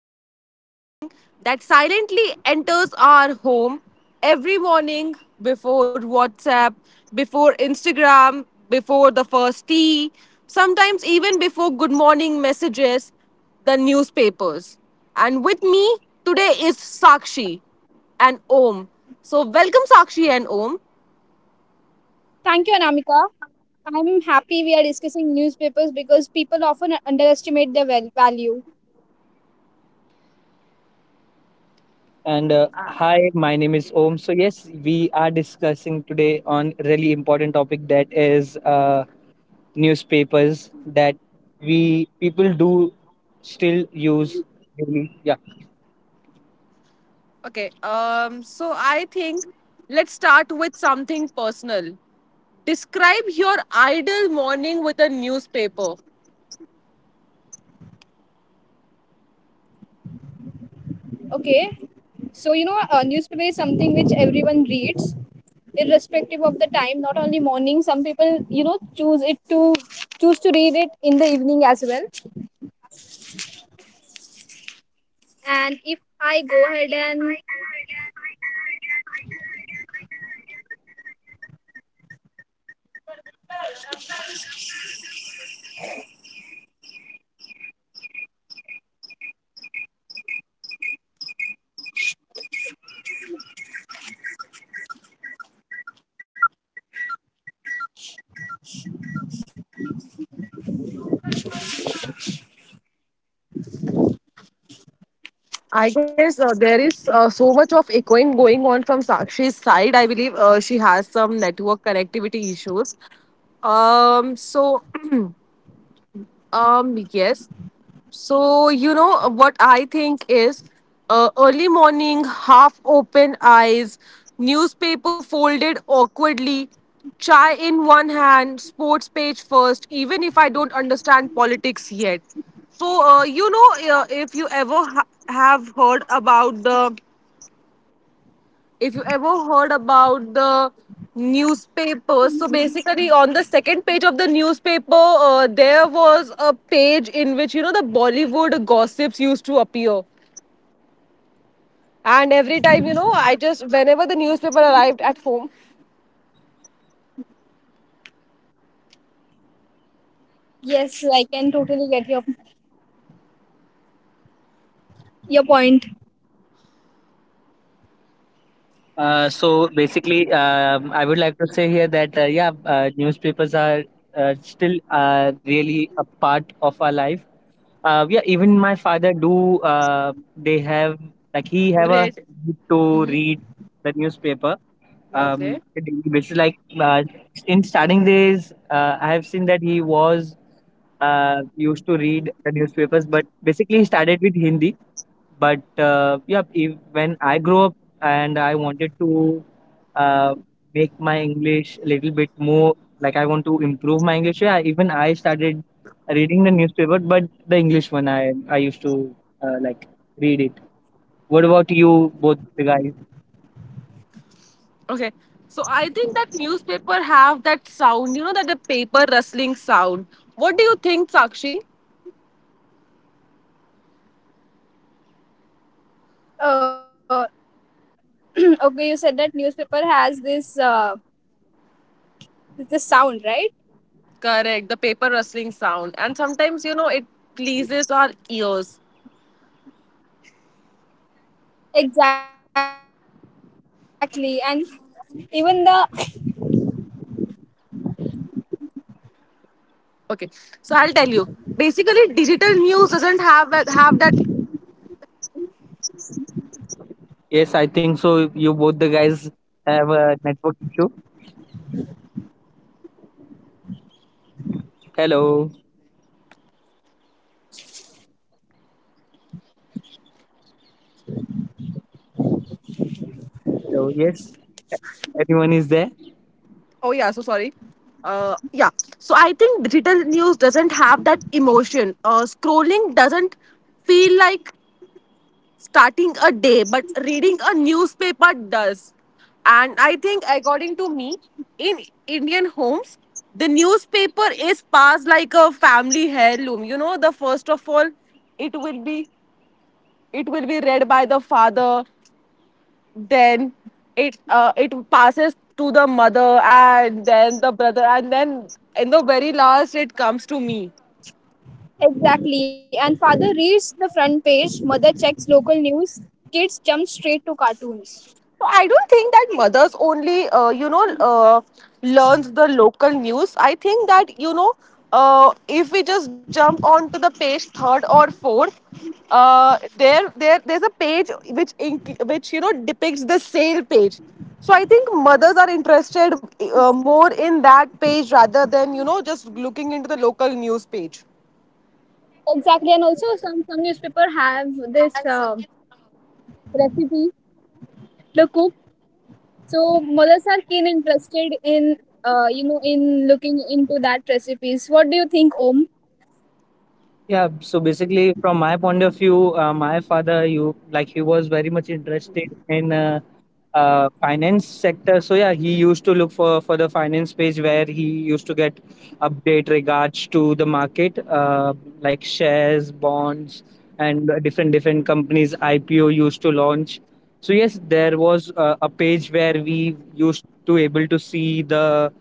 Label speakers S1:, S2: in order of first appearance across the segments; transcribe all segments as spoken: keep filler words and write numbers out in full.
S1: about something that silently enters our home every morning before WhatsApp, before Instagram, before the first tea, sometimes even before good morning messages, the newspapers. And with me today is Sakshi and Om. So welcome Sakshi and Om.
S2: Thank you, Anamika. I'm happy we are discussing newspapers because people often underestimate their val- value.
S3: And uh, hi, my name is Om. So yes, we are discussing today on really important topic that is uh, newspapers that we people do still use daily. Yeah.
S1: Okay. Um. So I think let's start with something personal. Describe your ideal morning with a newspaper.
S2: Okay, so you know, uh, newspaper is something which everyone reads, irrespective of the time. Not only morning, some people you know choose it to choose to read it in the evening as well. And if I go ahead and
S1: I guess uh, there is uh, so much of echoing going on from Sakshi's side. I believe uh, she has some network connectivity issues. Um, so, um, yes. So, you know, uh, what I think is uh, early morning, half open eyes, newspaper folded awkwardly, chai in one hand, sports page first, even if I don't understand politics yet. So, uh, you know, uh, if you ever ha- have heard about the if you ever heard about the newspapers, so basically on the second page of the newspaper uh, there was a page in which you know the bollywood gossips used to appear, and every time, you know, I just whenever the newspaper arrived at home
S2: yes, I can totally get your your point.
S3: Uh, so basically, um, I would like to say here that uh, yeah, uh, newspapers are uh, still uh, really a part of our life. Uh, yeah, even my father do. Uh, they have like he have a
S1: read.
S3: habit to
S1: Mm-hmm.
S3: read the newspaper. Um,
S1: Okay.
S3: it- which is like uh, in starting days, uh, I have seen that he was uh, used to read the newspapers, but basically he started with Hindi but uh, yeah, if, when I grow up and I wanted to uh, make my English a little bit more, like I want to improve my English, yeah, even I started reading the newspaper, but the English one I I used to uh, like read it. What about you, both the guys?
S1: Okay, so I think that newspaper have that sound, you know, that the paper rustling sound. What do you think, Sakshi?
S2: Uh, okay, you said that newspaper has this uh, this sound, right?
S1: Correct, the paper rustling sound, and sometimes you know it pleases our ears.
S2: Exactly, and even the
S1: Okay, so I'll tell you. Basically, digital news doesn't have have that.
S3: Yes, I think so. You both the guys have a network issue. Hello, hello. Yes, anyone is there?
S1: Oh yeah, so sorry. Uh, yeah. So I think digital news doesn't have that emotion. Uh, scrolling doesn't feel like starting a day, but reading a newspaper does. And I think, according to me, in Indian homes, the newspaper is passed like a family heirloom. You know, the first of all, it will be it will be read by the father, then it uh, it passes to the mother and then the brother, and then in the very last it comes to me.
S2: exactly. And father reads the front page, mother checks local news, kids jump straight to cartoons.
S1: I don't think that mothers only, uh, you know, uh, learns the local news. I think that you know, uh, if we just jump onto the page third or fourth, uh, there, there, there's a page which inc- which you know depicts the sale page. So I think mothers are interested uh, more in that page rather than you know just looking into the local news page.
S2: Exactly, and also some some newspaper have this uh, recipe, the cook. So mothers are keen interested in uh, you know in looking into that recipes. What do you think, Om?
S3: Yeah, so basically, from my point of view, uh, my father, you like he was very much interested in uh, uh, finance sector. So yeah, he used to look for for the finance page where he used to get update regards to the market, uh, like shares, bonds, and uh, different different companies I P O used to launch. So yes, there was uh, a page where we used to able to see the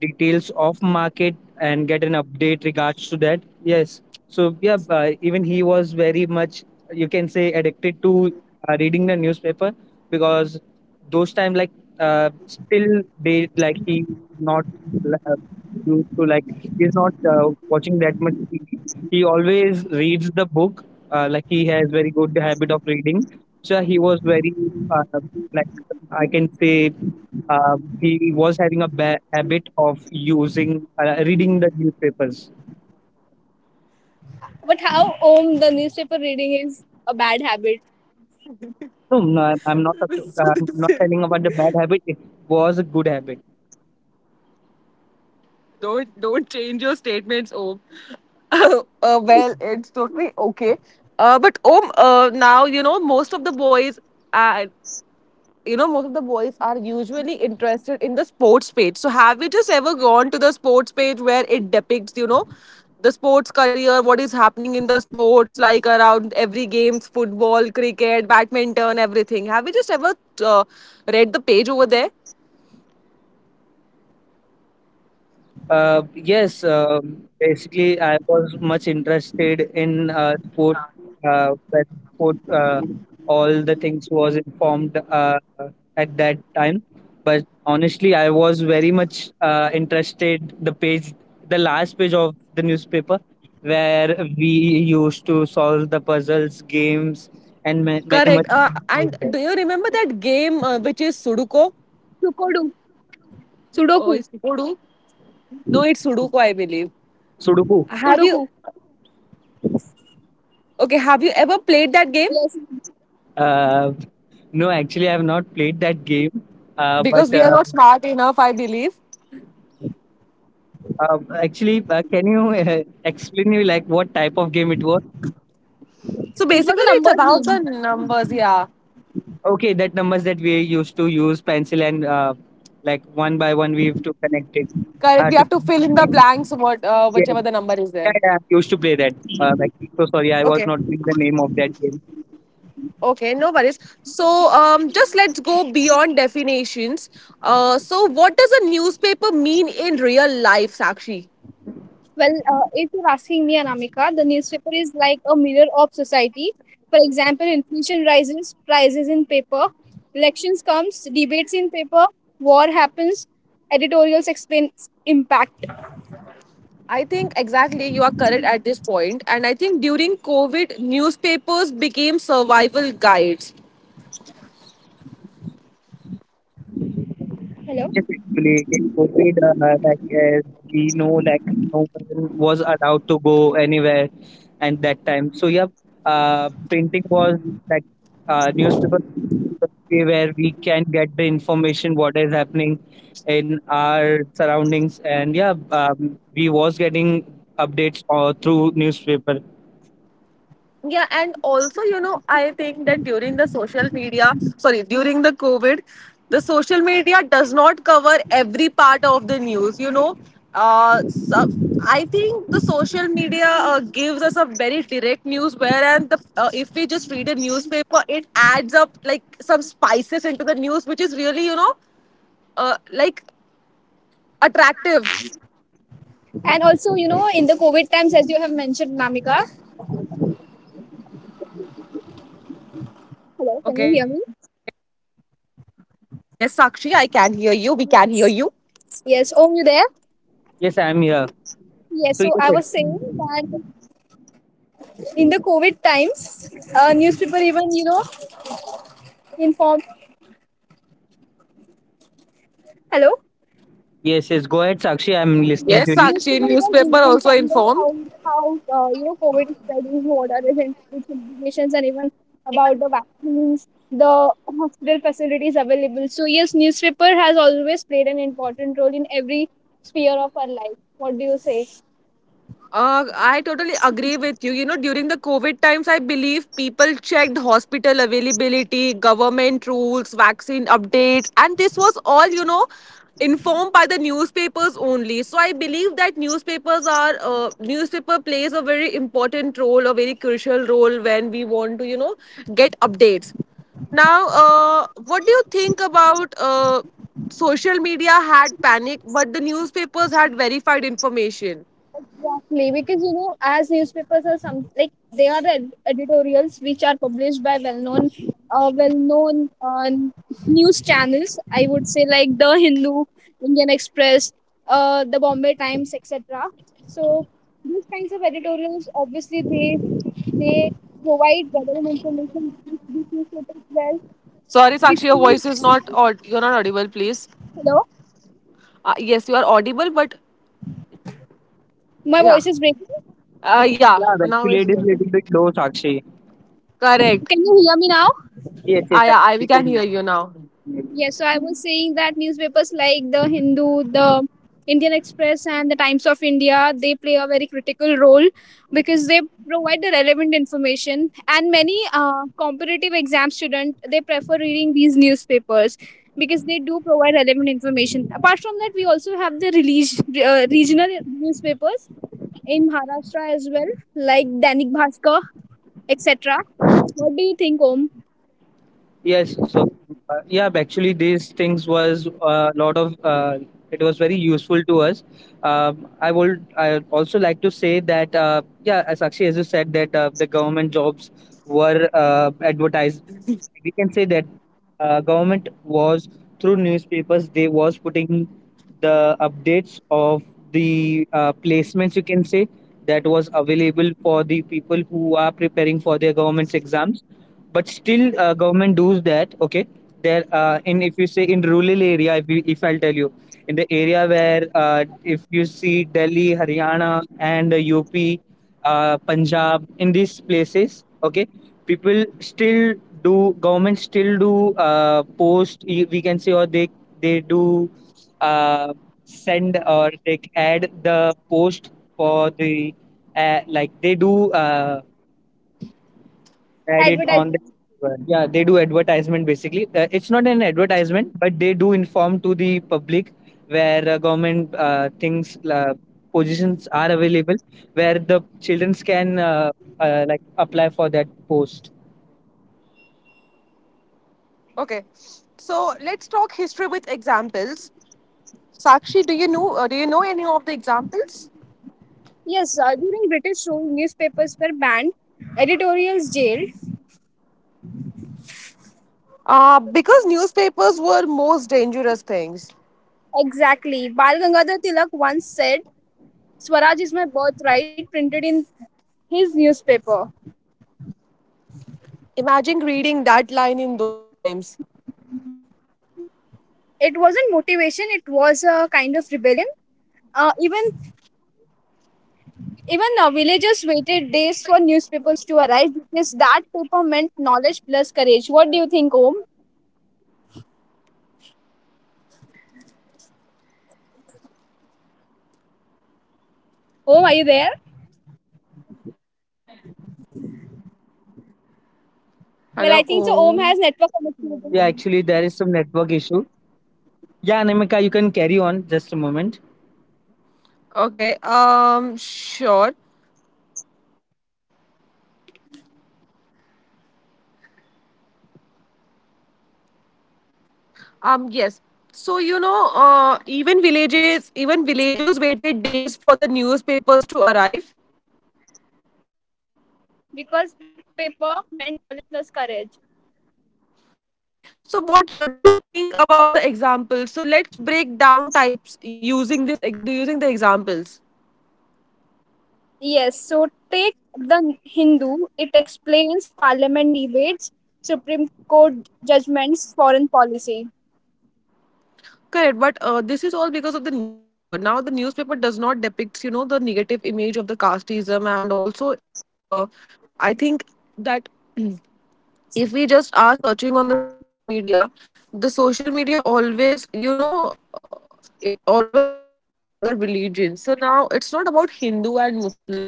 S3: details of market and get an update regards to that. Yes, so yeah, uh, even he was very much you can say addicted to uh, reading the newspaper because those time like uh, still they like he not uh, used to like he's not uh, watching that much T V. He always reads the book, uh, like he has very good habit of reading, so he was very, uh, like I can say, um, he was having a ba- habit of using, uh, reading the newspapers.
S2: But how Om the newspaper reading is a bad habit?
S3: No, no, I'm I'm not. Uh, I'm not telling about the bad habit. It was a good habit.
S1: Don't don't change your statements, Om. uh, well, it's totally okay. Uh, but Om, uh, now you know most of the boys, uh, you know most of the boys are usually interested in the sports page. So have you just ever gone to the sports page where it depicts, you know, the sports career, what is happening in the sports, like around every games, football, cricket, badminton, everything. Have you just ever uh, read the page over there?
S3: Uh, yes, um, basically, I was much interested in uh, sport. Uh, when sport, uh, all the things was informed uh, at that time. But honestly, I was very much uh, interested. The page, the last page of the newspaper, where we used to solve the puzzles, games, and ma- many much
S1: Correct. Uh,
S3: things
S1: and
S3: like
S1: do
S3: that.
S1: you remember that game uh, which is Sudoku?
S2: Sukodu, Sudoku,
S1: Oh, is Sudoku? No, it's Sudoku, I believe.
S3: Sudoku.
S2: Sudoku.
S1: Have you? Okay, have you ever played that game?
S2: Yes,
S3: Uh, no, actually, I have not played that game. Uh, but
S1: Because we are
S3: uh,
S1: not smart enough, I believe.
S3: Um, actually, uh, can you uh, explain me like what type of game it was?
S1: So
S2: it was
S1: basically,
S2: a
S1: it's
S2: number
S1: about
S2: game.
S1: the numbers. Yeah,
S3: Okay, that numbers that we used to use pencil and uh, like one by one we have to connect it.
S1: correct.
S3: Uh,
S1: We
S3: to,
S1: have to fill in the blanks. What, uh,
S3: yeah,
S1: whichever the number is
S3: yeah,
S1: there.
S3: yeah, I used to play that. Uh, like, so sorry, I was
S1: Okay.
S3: not doing the name of that game.
S1: Okay, no worries. So, um, just let's go beyond definitions. Uh, so, what does a newspaper mean in real life, Sakshi?
S2: Well, uh, if you're asking me, Anamika, the newspaper is like a mirror of society. For example, inflation rises, prices in paper, elections comes, debates in paper, war happens, editorials explain impact.
S1: I think exactly you are correct at this point, and I think during COVID, newspapers became survival guides.
S2: Hello,
S3: Yes, actually, in COVID, uh, like as we know, like no one was allowed to go anywhere, and that time. So yeah, uh, printing was like, uh, newspaper was the way where we can get the information what is happening in our surroundings, and yeah, um, we was getting updates or through newspaper.
S1: Yeah, and also, you know, I think that during the social media, sorry, during the COVID, the social media does not cover every part of the news. You know, uh, so I think the social media uh, gives us a very direct news, whereas the uh, if we just read a newspaper, it adds up like some spices into the news, which is really, you know, uh, like attractive.
S2: and also you know in the COVID times, as you have mentioned, Namika. Hello, can you
S1: Okay.
S2: hear me?
S1: Yes, Sakshi, I can hear
S3: Yes,
S1: you. We
S3: yes,
S1: can
S3: we can
S1: hear
S2: Yes.
S3: hear
S1: you.
S3: you, Sakshi.
S2: Yes. Oh, you there?
S3: Yes, I am here.
S2: Yes.
S3: So yes,
S2: So I was saying
S3: actually-
S2: that in the COVID times, uh, newspaper even you know inform. Hello.
S3: Yes, yes. Go ahead, Sakshi. I'm listening
S1: Yes,
S2: Yes,
S3: to you.
S1: Sakshi,
S2: newspaper people,
S1: newspaper
S2: you
S1: also
S2: know, give
S1: informed.
S2: how how uh, you know COVID is spreading, what are the health its implications, and even about the vaccines, the hospital facilities available. So yes, newspaper has always played an important role in every sphere of our life. What do you say?
S1: Uh, I totally agree with you. You know, during the COVID times, I believe people checked hospital availability, government rules, vaccine updates, and this was all, you know, informed by the newspapers only. So I believe that newspapers are, uh, newspaper plays a very important role, a very crucial role when we want to, you know, get updates. Now, uh, what do you think about uh, social media had panic, but the newspapers had verified information?
S2: Exactly, because you know, as newspapers are some like they are ed- editorials which are published by well-known, uh, well-known uh, news channels. I would say like the Hindu, Indian Express, uh, the Bombay Times, et cetera. So these kinds of editorials, obviously, they they provide relevant information to these newspapers well.
S1: Sorry, Sakshi, your
S2: Before,
S1: voice is not aud- you're not audible, please.
S2: hello,
S1: Uh, yes, you are audible, but
S2: my
S1: yeah,
S2: voice is breaking.
S1: uh, yeah.
S3: Yeah, the
S1: Now
S3: actually
S1: it's
S3: it is little bit
S1: good.
S3: low, Sakshi.
S1: Correct.
S2: Can you hear me now?
S3: Yes, yes,
S1: Ah,
S3: I
S1: yeah, I, we
S3: we
S1: can
S3: can.
S1: hear you now.
S2: Yes, so I was saying that newspapers like the Hindu, the Indian Express, and the Times of India they play a very critical role because they provide the relevant information. And many uh, competitive exam students they prefer reading these newspapers because they do provide relevant information. Apart from that, we also have the relig- uh, regional newspapers in Maharashtra as well, like Danik Bhaskar, et cetera. What do you think, Om?
S3: Yes, so uh, yeah, actually, these things was a lot of. Uh, it was very useful to us. Um, I would. I also like to say that uh, yeah, as Sakshi as you said that uh, the government jobs were uh, advertised. We can say that uh, government was through newspapers. They was putting the updates of the uh, placements. You can say that was available for the people who are preparing for their government's exams, but still uh, government does that. Okay, there, uh, in, if you say in rural area, if, you, if I'll tell you, in the area where, uh, if you see Delhi, Haryana, and uh, UP, uh, Punjab, in these places, okay, people still do government still do uh, post, y- we can say, or they they do uh, send, or they add the post for the, uh, like they do, uh, add it on the,
S2: Advertisement.
S3: yeah, they do advertisement basically, uh, it's not an advertisement but they do inform to the public where uh, government uh, things, uh, positions are available where the children can uh, uh, like apply for that post.
S1: Okay, so let's talk history with examples. Sakshi, do you know uh, do you know any of the examples?
S2: Yes, uh, during British rule, newspapers were banned, editorials jailed.
S1: Uh, because newspapers were most dangerous things.
S2: Exactly. Bal Gangadhar Tilak once said, Swaraj is my birthright, printed in his newspaper.
S1: Imagine reading that line in those times.
S2: It wasn't motivation, it was a kind of rebellion. Uh, even even uh, villagers waited days for newspapers to arrive because that paper meant knowledge plus courage. What do you think, Om? Om, are you there? Well, I
S1: Hello.
S2: think so. Om
S1: Oh.
S2: has network
S3: Yeah,
S2: connectivity
S3: actually there is some network issue. Yeah, Anamika, you can carry on just a moment.
S1: Okay. Um. Sure. Um, yes. So, you know, uh, even villages, even villagers waited days for the newspapers to arrive.
S2: because that paper meant knowledge plus courage.
S1: Okay. So, what uh, do you think about the examples? So, let's break down types using this ex- using the examples.
S2: Yes, so take the Hindu. It explains parliament debates, Supreme Court judgments, foreign policy.
S1: Correct, but uh, this is all because of the newspaper. Now, the newspaper does not depicts, you know, the negative image of the casteism, and also it. Uh, I think that if we just are searching on the social media, the social media always, you know, uh, it always disrespects other religions. So now it's not about Hindu and Muslim.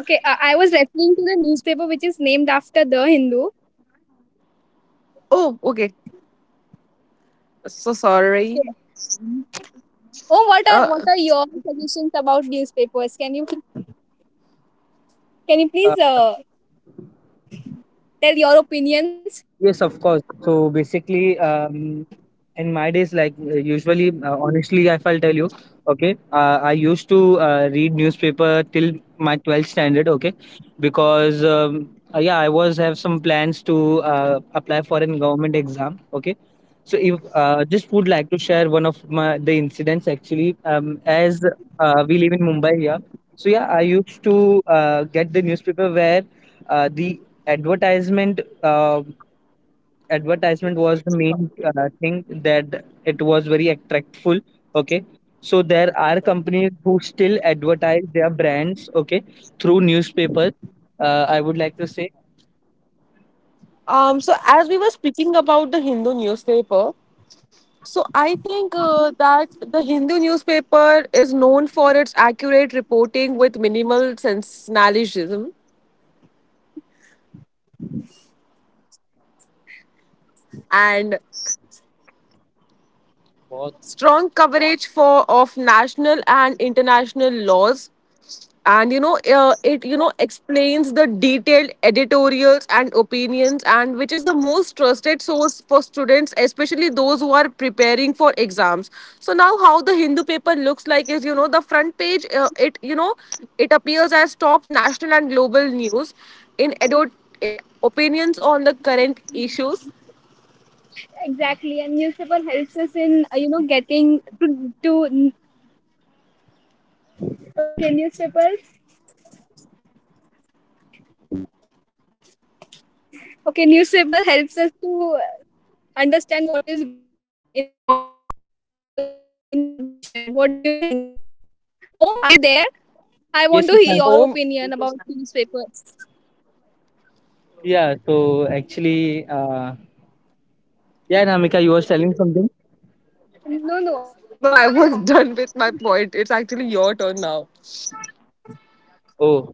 S2: Okay, I I was referring to the newspaper which is named after the Hindu.
S1: Oh, okay. So sorry.
S2: Yes. Oh, what are what
S1: Uh,
S2: are your suggestions about newspapers? Can you can you
S3: uh,
S2: please uh, tell your opinions?
S3: Yes, of course. So basically, um, in my days, like uh, usually, uh, honestly, if I'll tell you, okay, uh, I used to uh, read newspaper till my twelfth standard, okay, because um, uh, yeah, I was have some plans to uh, apply for an government exam, okay. So if uh, just would like to share one of my the incidents actually, um, as uh, we live in Mumbai here. So yeah, I used to uh, get the newspaper where uh, the advertisement. Um advertisement was the main uh, thing, that it was very attractful, okay, so there are companies who still advertise their brands, okay, through newspapers. uh, I would like to say
S1: um. So as we were speaking about the Hindu newspaper, so I think uh, that the Hindu newspaper is known for its accurate reporting with minimal sensationalism and
S3: बहुत.
S1: strong coverage for of national and international laws, and you know uh, it you know explains the detailed editorials and opinions, and which is the most trusted source for students, especially those who are preparing for exams. So now how the Hindu paper looks like is, you know, the front page, uh, it you know it appears as top national and global news, in edo- eh, opinions on the current issues.
S2: Exactly, and newspaper helps us in uh, you know getting to, to okay newspapers. Okay, newspaper helps us to understand what is going in the world and also in, in our nation. What do you think? Om, are you there? I want to
S3: Yes, yes,
S2: hear
S3: ma'am.
S2: your
S1: Oh
S2: opinion about newspapers.
S3: Yeah, so actually uh, yeah, Namika, you were telling something.
S2: No, no,
S1: no, I was done with my point, it's actually your turn now.
S3: Oh,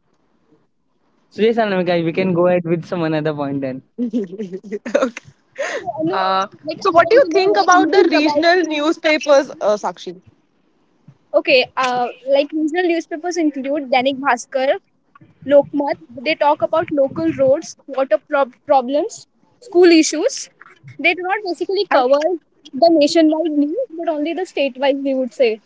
S3: so yes, Namika, we can go ahead with some another point then.
S1: Okay.
S2: no.
S1: Uh,
S2: Like
S1: so,
S2: I
S1: what do
S2: want
S1: you
S2: to know
S1: think
S2: what you
S1: about the
S2: think about.
S1: regional newspapers, uh, Sakshi?
S2: Okay, uh, like regional newspapers include Dainik Bhaskar, Lokmat. They talk about local roads, water prob- problems, school issues. They do not basically
S1: I,
S2: cover the nationwide news, but only the state-wise. They would say.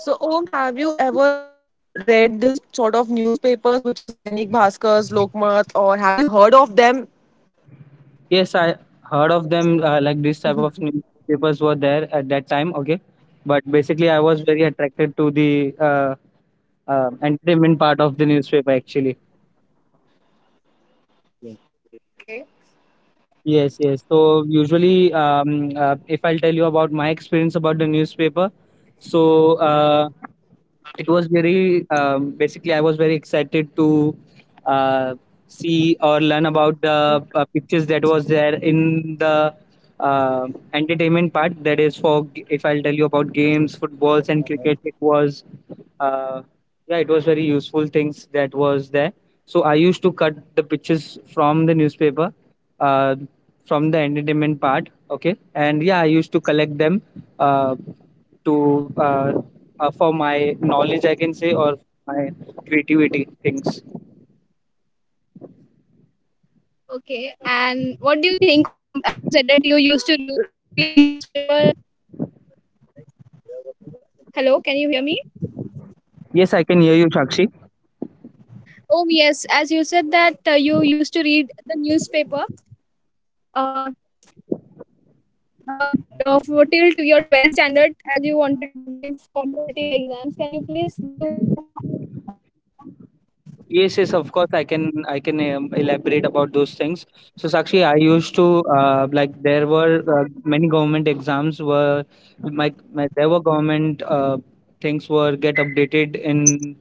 S1: so, Om, have you ever uh, read this sort of newspapers, which is Dainik Bhaskars, Lokmat, or have you heard of them?
S3: Yes, I heard of them, uh, like this type of newspapers were there at that time, okay, but basically I was very attracted to the uh, uh, entertainment part of the newspaper actually.
S1: Okay.
S3: Yes, yes, so usually um, uh, if I'll tell you about my experience about the newspaper, so uh, it was very, um, basically I was very excited to uh, see or learn about the uh, pictures that was there in the uh, entertainment part. That is, for g- if I'll tell you about games, footballs and cricket, it was, uh, yeah, it was very useful things that was there.
S1: Mm-hmm.
S3: So I used to cut the pictures from the
S1: Hello,
S3: newspaper,
S1: Om.
S3: uh, from the entertainment part, okay, and yeah I used to collect them, uh, to uh, uh, for my knowledge, I can say, or my
S1: Uh, hello.
S3: creativity things.
S2: Okay,
S1: Hello.
S2: and what do you think? Om, as you said that you used to re- read newspaper. Hello, can you hear me?
S1: Hello.
S3: Yes, I can hear you, Sakshi.
S2: Oh yes, as you said that uh, you used to read the newspaper. Uh, uh, uh, for till to your twelfth standard, as you wanted to give competitive exams. Can you please give a light on that topic?
S3: Yes, yes, of course. I can I can um, elaborate about those things. So, Sakshi, I used to, uh, like there were uh, many government exams were, my, my there were government uh, things were get updated in,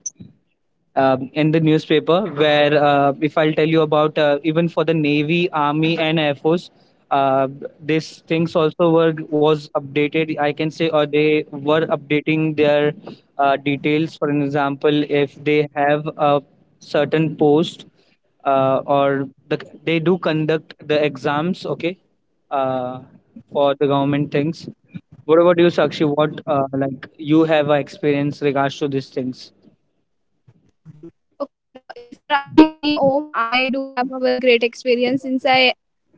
S3: um, in the newspaper where, uh, if I'll tell you about, uh, even for the navy, army and air force, uh, these things also were was updated, I can say, or they were updating their uh, details. For an example, if they have a certain post, uh, or the, they do conduct the exams, okay, uh, for the government things. What about you, Sakshi? What, uh, like, you have a experience regards to these things?
S2: Okay, now if you're asking me, Om, I do have a very great experience since I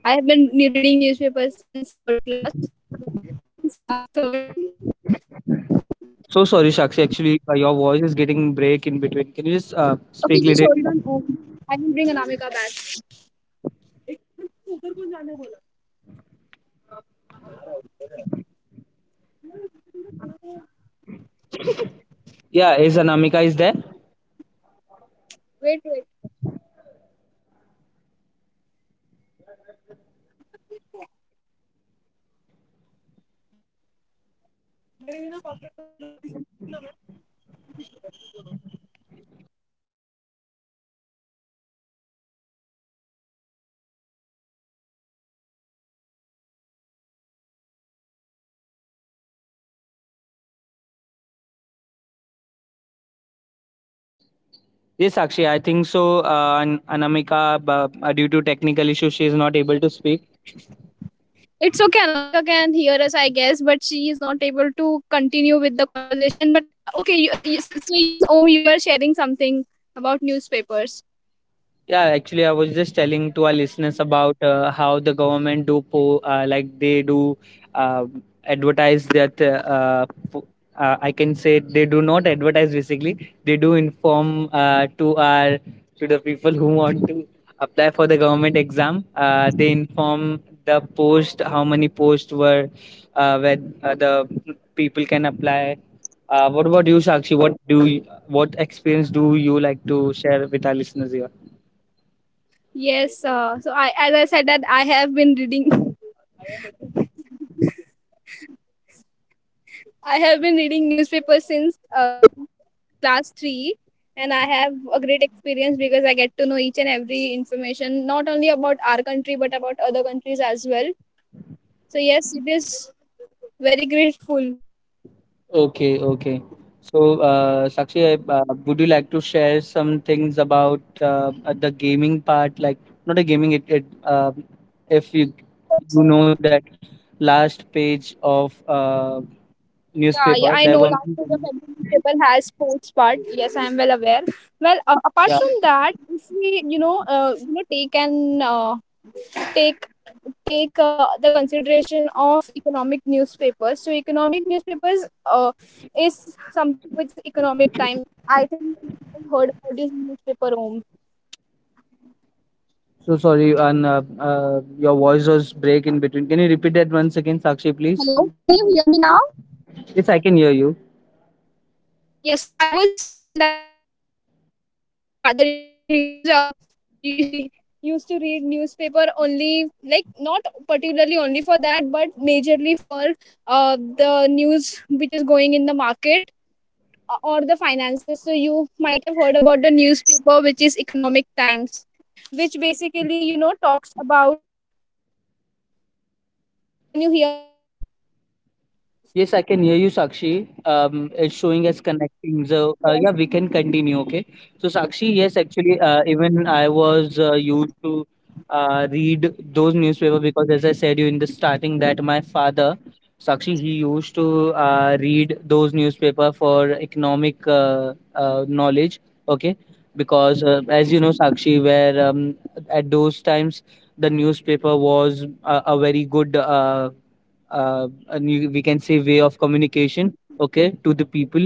S2: I have been ne- reading newspapers since third class, since class third.
S3: So sorry, Shakshi. Actually, uh, your voice is getting break in between. Can you just uh,
S2: Okay,
S3: speak
S2: just
S3: little?
S2: hold on, Om. I will bring Anamika back.
S3: Yeah, is Anamika is there?
S2: Wait, wait.
S3: Yes, Sakshi, I think so. Uh, An- Anamika, uh, due to technical issues, she is not able to speak.
S2: It's okay. Anamika can hear us, I guess, but she is not able to continue with the conversation. But okay, you, so yes, so yes, Om, you were sharing something about newspapers.
S3: Yeah, actually, I was just telling to our listeners about uh, how the government do po uh, like they do uh, advertise that, uh, po- uh, I can say they do not advertise basically. They do inform uh, to our, to the people who want to apply for the government exam. Uh, they inform the post how many posts were, uh, where uh, the people can apply. Uh, what about you, Sakshi? What do you, what experience do you like to share with our listeners here?
S2: Yes. Uh, so I, as I said, that I have been reading. I have been reading newspapers since uh, class three, and I have a great experience because I get to know each and every information, not only about our country but about other countries as well. So yes, it is very grateful.
S3: Okay, okay. So, uh, Sakshi, I- uh, would you like to share some things about uh, uh, the gaming part? Like, not a gaming, it, it um if you you know that last page of uh, newspaper,
S2: Yeah, yeah,
S3: there were,
S2: I know last year the February paper has sports part. Yes, I am well aware. Well, uh,
S3: yeah.
S2: apart from that, if we, you know, uh, you know, take and uh, take take uh, the consideration of economic newspapers. So, economic newspapers uh, is something which is economic time. I think you heard about this newspaper home.
S3: So sorry, and uh, uh, your voice was break in between. Can you repeat that once again, Sakshi,
S2: Hello,
S3: please?
S2: can you hear me now?
S3: Yes, I can hear you.
S2: Yes, so I was saying that if if as you said that your father used to news uh, y- used to read newspaper only like not particularly only for that but majorly for uh, the news which is going in the market, uh, or the finances, so you might have heard about the newspaper which is economic times, which basically you know talks about, can you hear me?
S3: Yes, I can hear you, Sakshi. Um, it's showing
S2: Yes.
S3: as connecting. So, uh, yeah, we can continue. Okay. So, Sakshi, yes, actually, uh, even I was uh, used to uh, read those newspaper, because, as I said you in the starting, that my father, Sakshi, he used to uh, read those newspaper for economic uh, uh, knowledge. Okay, because uh, as you know, Sakshi, where, um, at those times the newspaper was a, a very good, uh, uh, a new we can say way of communication, okay, to the people,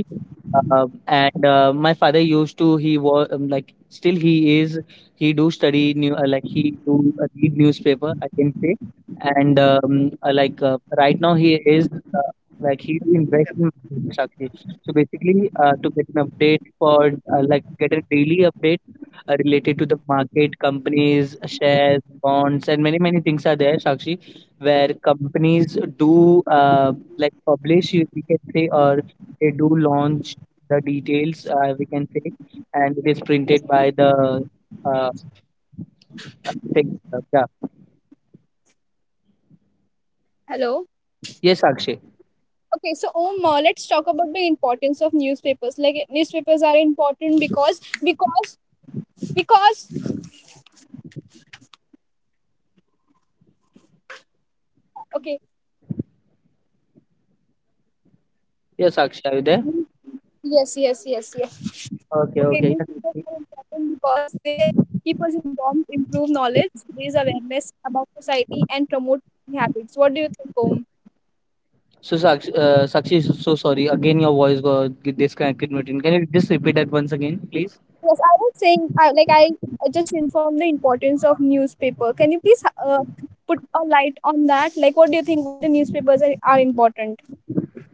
S3: uh, and uh, my father used to, he was, um, like still he is, he do study new, uh, like he do uh, read newspaper I can say, and um, uh, like uh, right now he is uh, like he do invest in markets actually. So basically, uh, to get an update for uh, like get a daily update, uh, related to the market, companies, shares, bonds and many many things are there, Sakshi, where companies do uh, like publish, you- we can say, or they do launch the details, uh, we can say, and it is printed by the uh, thing. Uh, yeah,
S2: Hello.
S3: yes Sakshi,
S2: Okay, so um uh, let's talk about the importance of newspapers, like newspapers are important because because because okay.
S3: yes Sakshi, are you there?
S2: Mm, yes yes yes yes.
S3: Okay,
S2: Okay,
S3: okay, yes.
S2: newspapers are important because they keep us informed, improve knowledge, raise awareness about society and promote healthy habits. What do you think, Om?
S3: So Sakshi, uh, Sakshi, so sorry, again your voice got disconnected between. Can you just repeat that once again please?
S2: Yes, I was saying I, like I I just informed the importance of newspaper. Can you please uh, put a light on that, like what do you think, why the newspapers are, are important?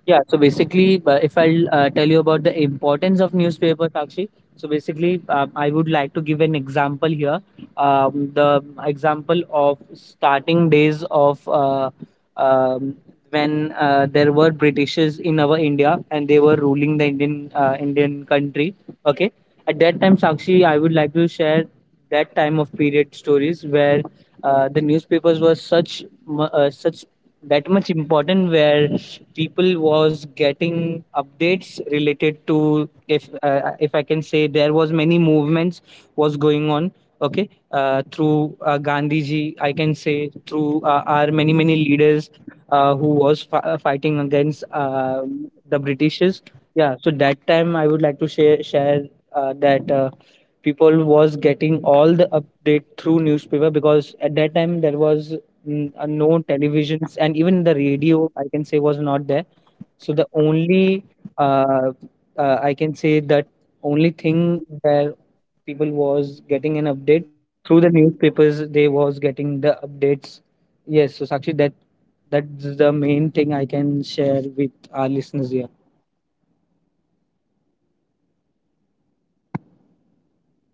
S3: Yeah, so basically, uh, if I'll uh, tell you about the importance of newspaper, Sakshi. So basically, um, I would like to give an example here. Um, the example of starting days of uh, um, when uh, there were Britishes in our India and they were ruling the Indian uh, Indian country. Okay, at that time, Sakshi, I would like to share that time of period stories where uh, the newspapers were such mu- uh, such that much important, where people was getting updates related to. If uh, if I can say, there was many movements was going on. Okay, uh, through uh, Gandhi ji I can say, through uh, our many many leaders uh, who was fi- uh, fighting against uh, the Britishes. Yeah, so that time I would like to share share uh, that uh, people was getting all the update through newspaper, because at that time there was n- uh, no televisions and even the radio I can say was not there. So the only uh, uh, I can say, that only thing where people was getting an update, through the newspapers they was getting the updates. Yes, so Sakshi, that that's the main thing I can share with our listeners here,
S2: Okay, yes, so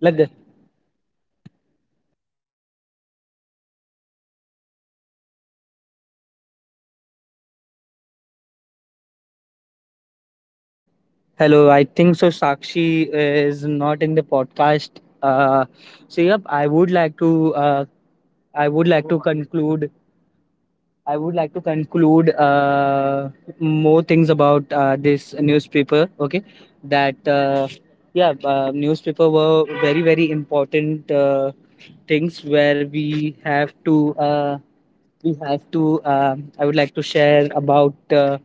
S3: like that. Hello, I think so Sakshi is not in the podcast. uh, so yep, I would like to uh, I would like to conclude. I would like to conclude uh, more things about uh, this newspaper. Okay, that uh, yeah, uh, newspaper were very very important uh, things, where we have to uh, we have to, um, I would like to share about uh,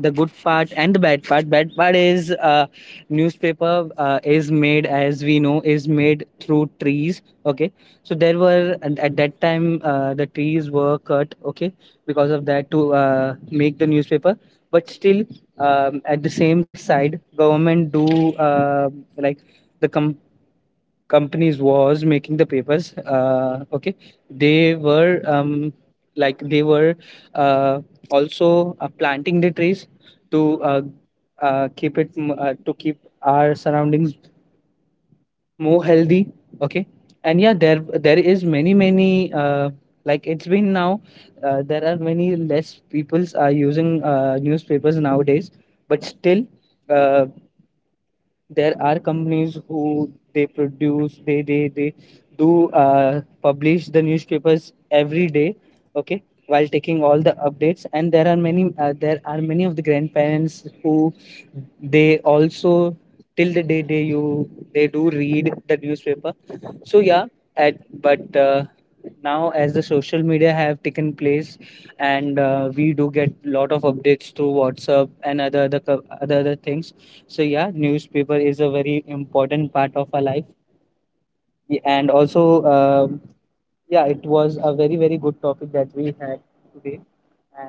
S3: the good part and the bad part. Bad part is, uh, newspaper uh, is made, as we know, is made through trees. Okay, so there were, and at that time uh, the trees were cut. Okay, because of that, to uh, make the newspaper. But still, um, at the same side, government do uh, like the com- companies was making the papers, uh, okay, they were um, like they were uh, also uh, planting the trees to uh, uh, keep it m- uh, to keep our surroundings more healthy. Okay, and yeah, there there is many many, uh, like, it's been now uh, there are many less peoples are using uh, newspapers nowadays. But still, uh, there are companies who they produce, they they they do uh, publish the newspapers every day. Okay, while taking all the updates. And there are many uh, there are many of the grandparents who they also, till the day, they you they do read the newspaper. So yeah, at, but uh, now as the social media have taken place, and uh, we do get lot of updates through WhatsApp and other other co- other, other things. So yeah, newspaper is a very important part of our life. Y- and also, um yeah, it was a very very good topic that we had today.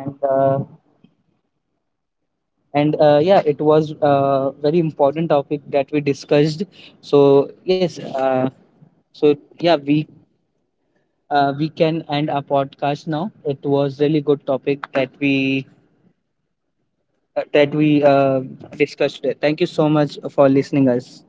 S3: and uh, and uh, yeah, it was a very important topic that we discussed. So yes, uh, so yeah, we uh, we can end our podcast now. It was really good topic that we uh, that we uh, discussed. Thank you so much for listening us.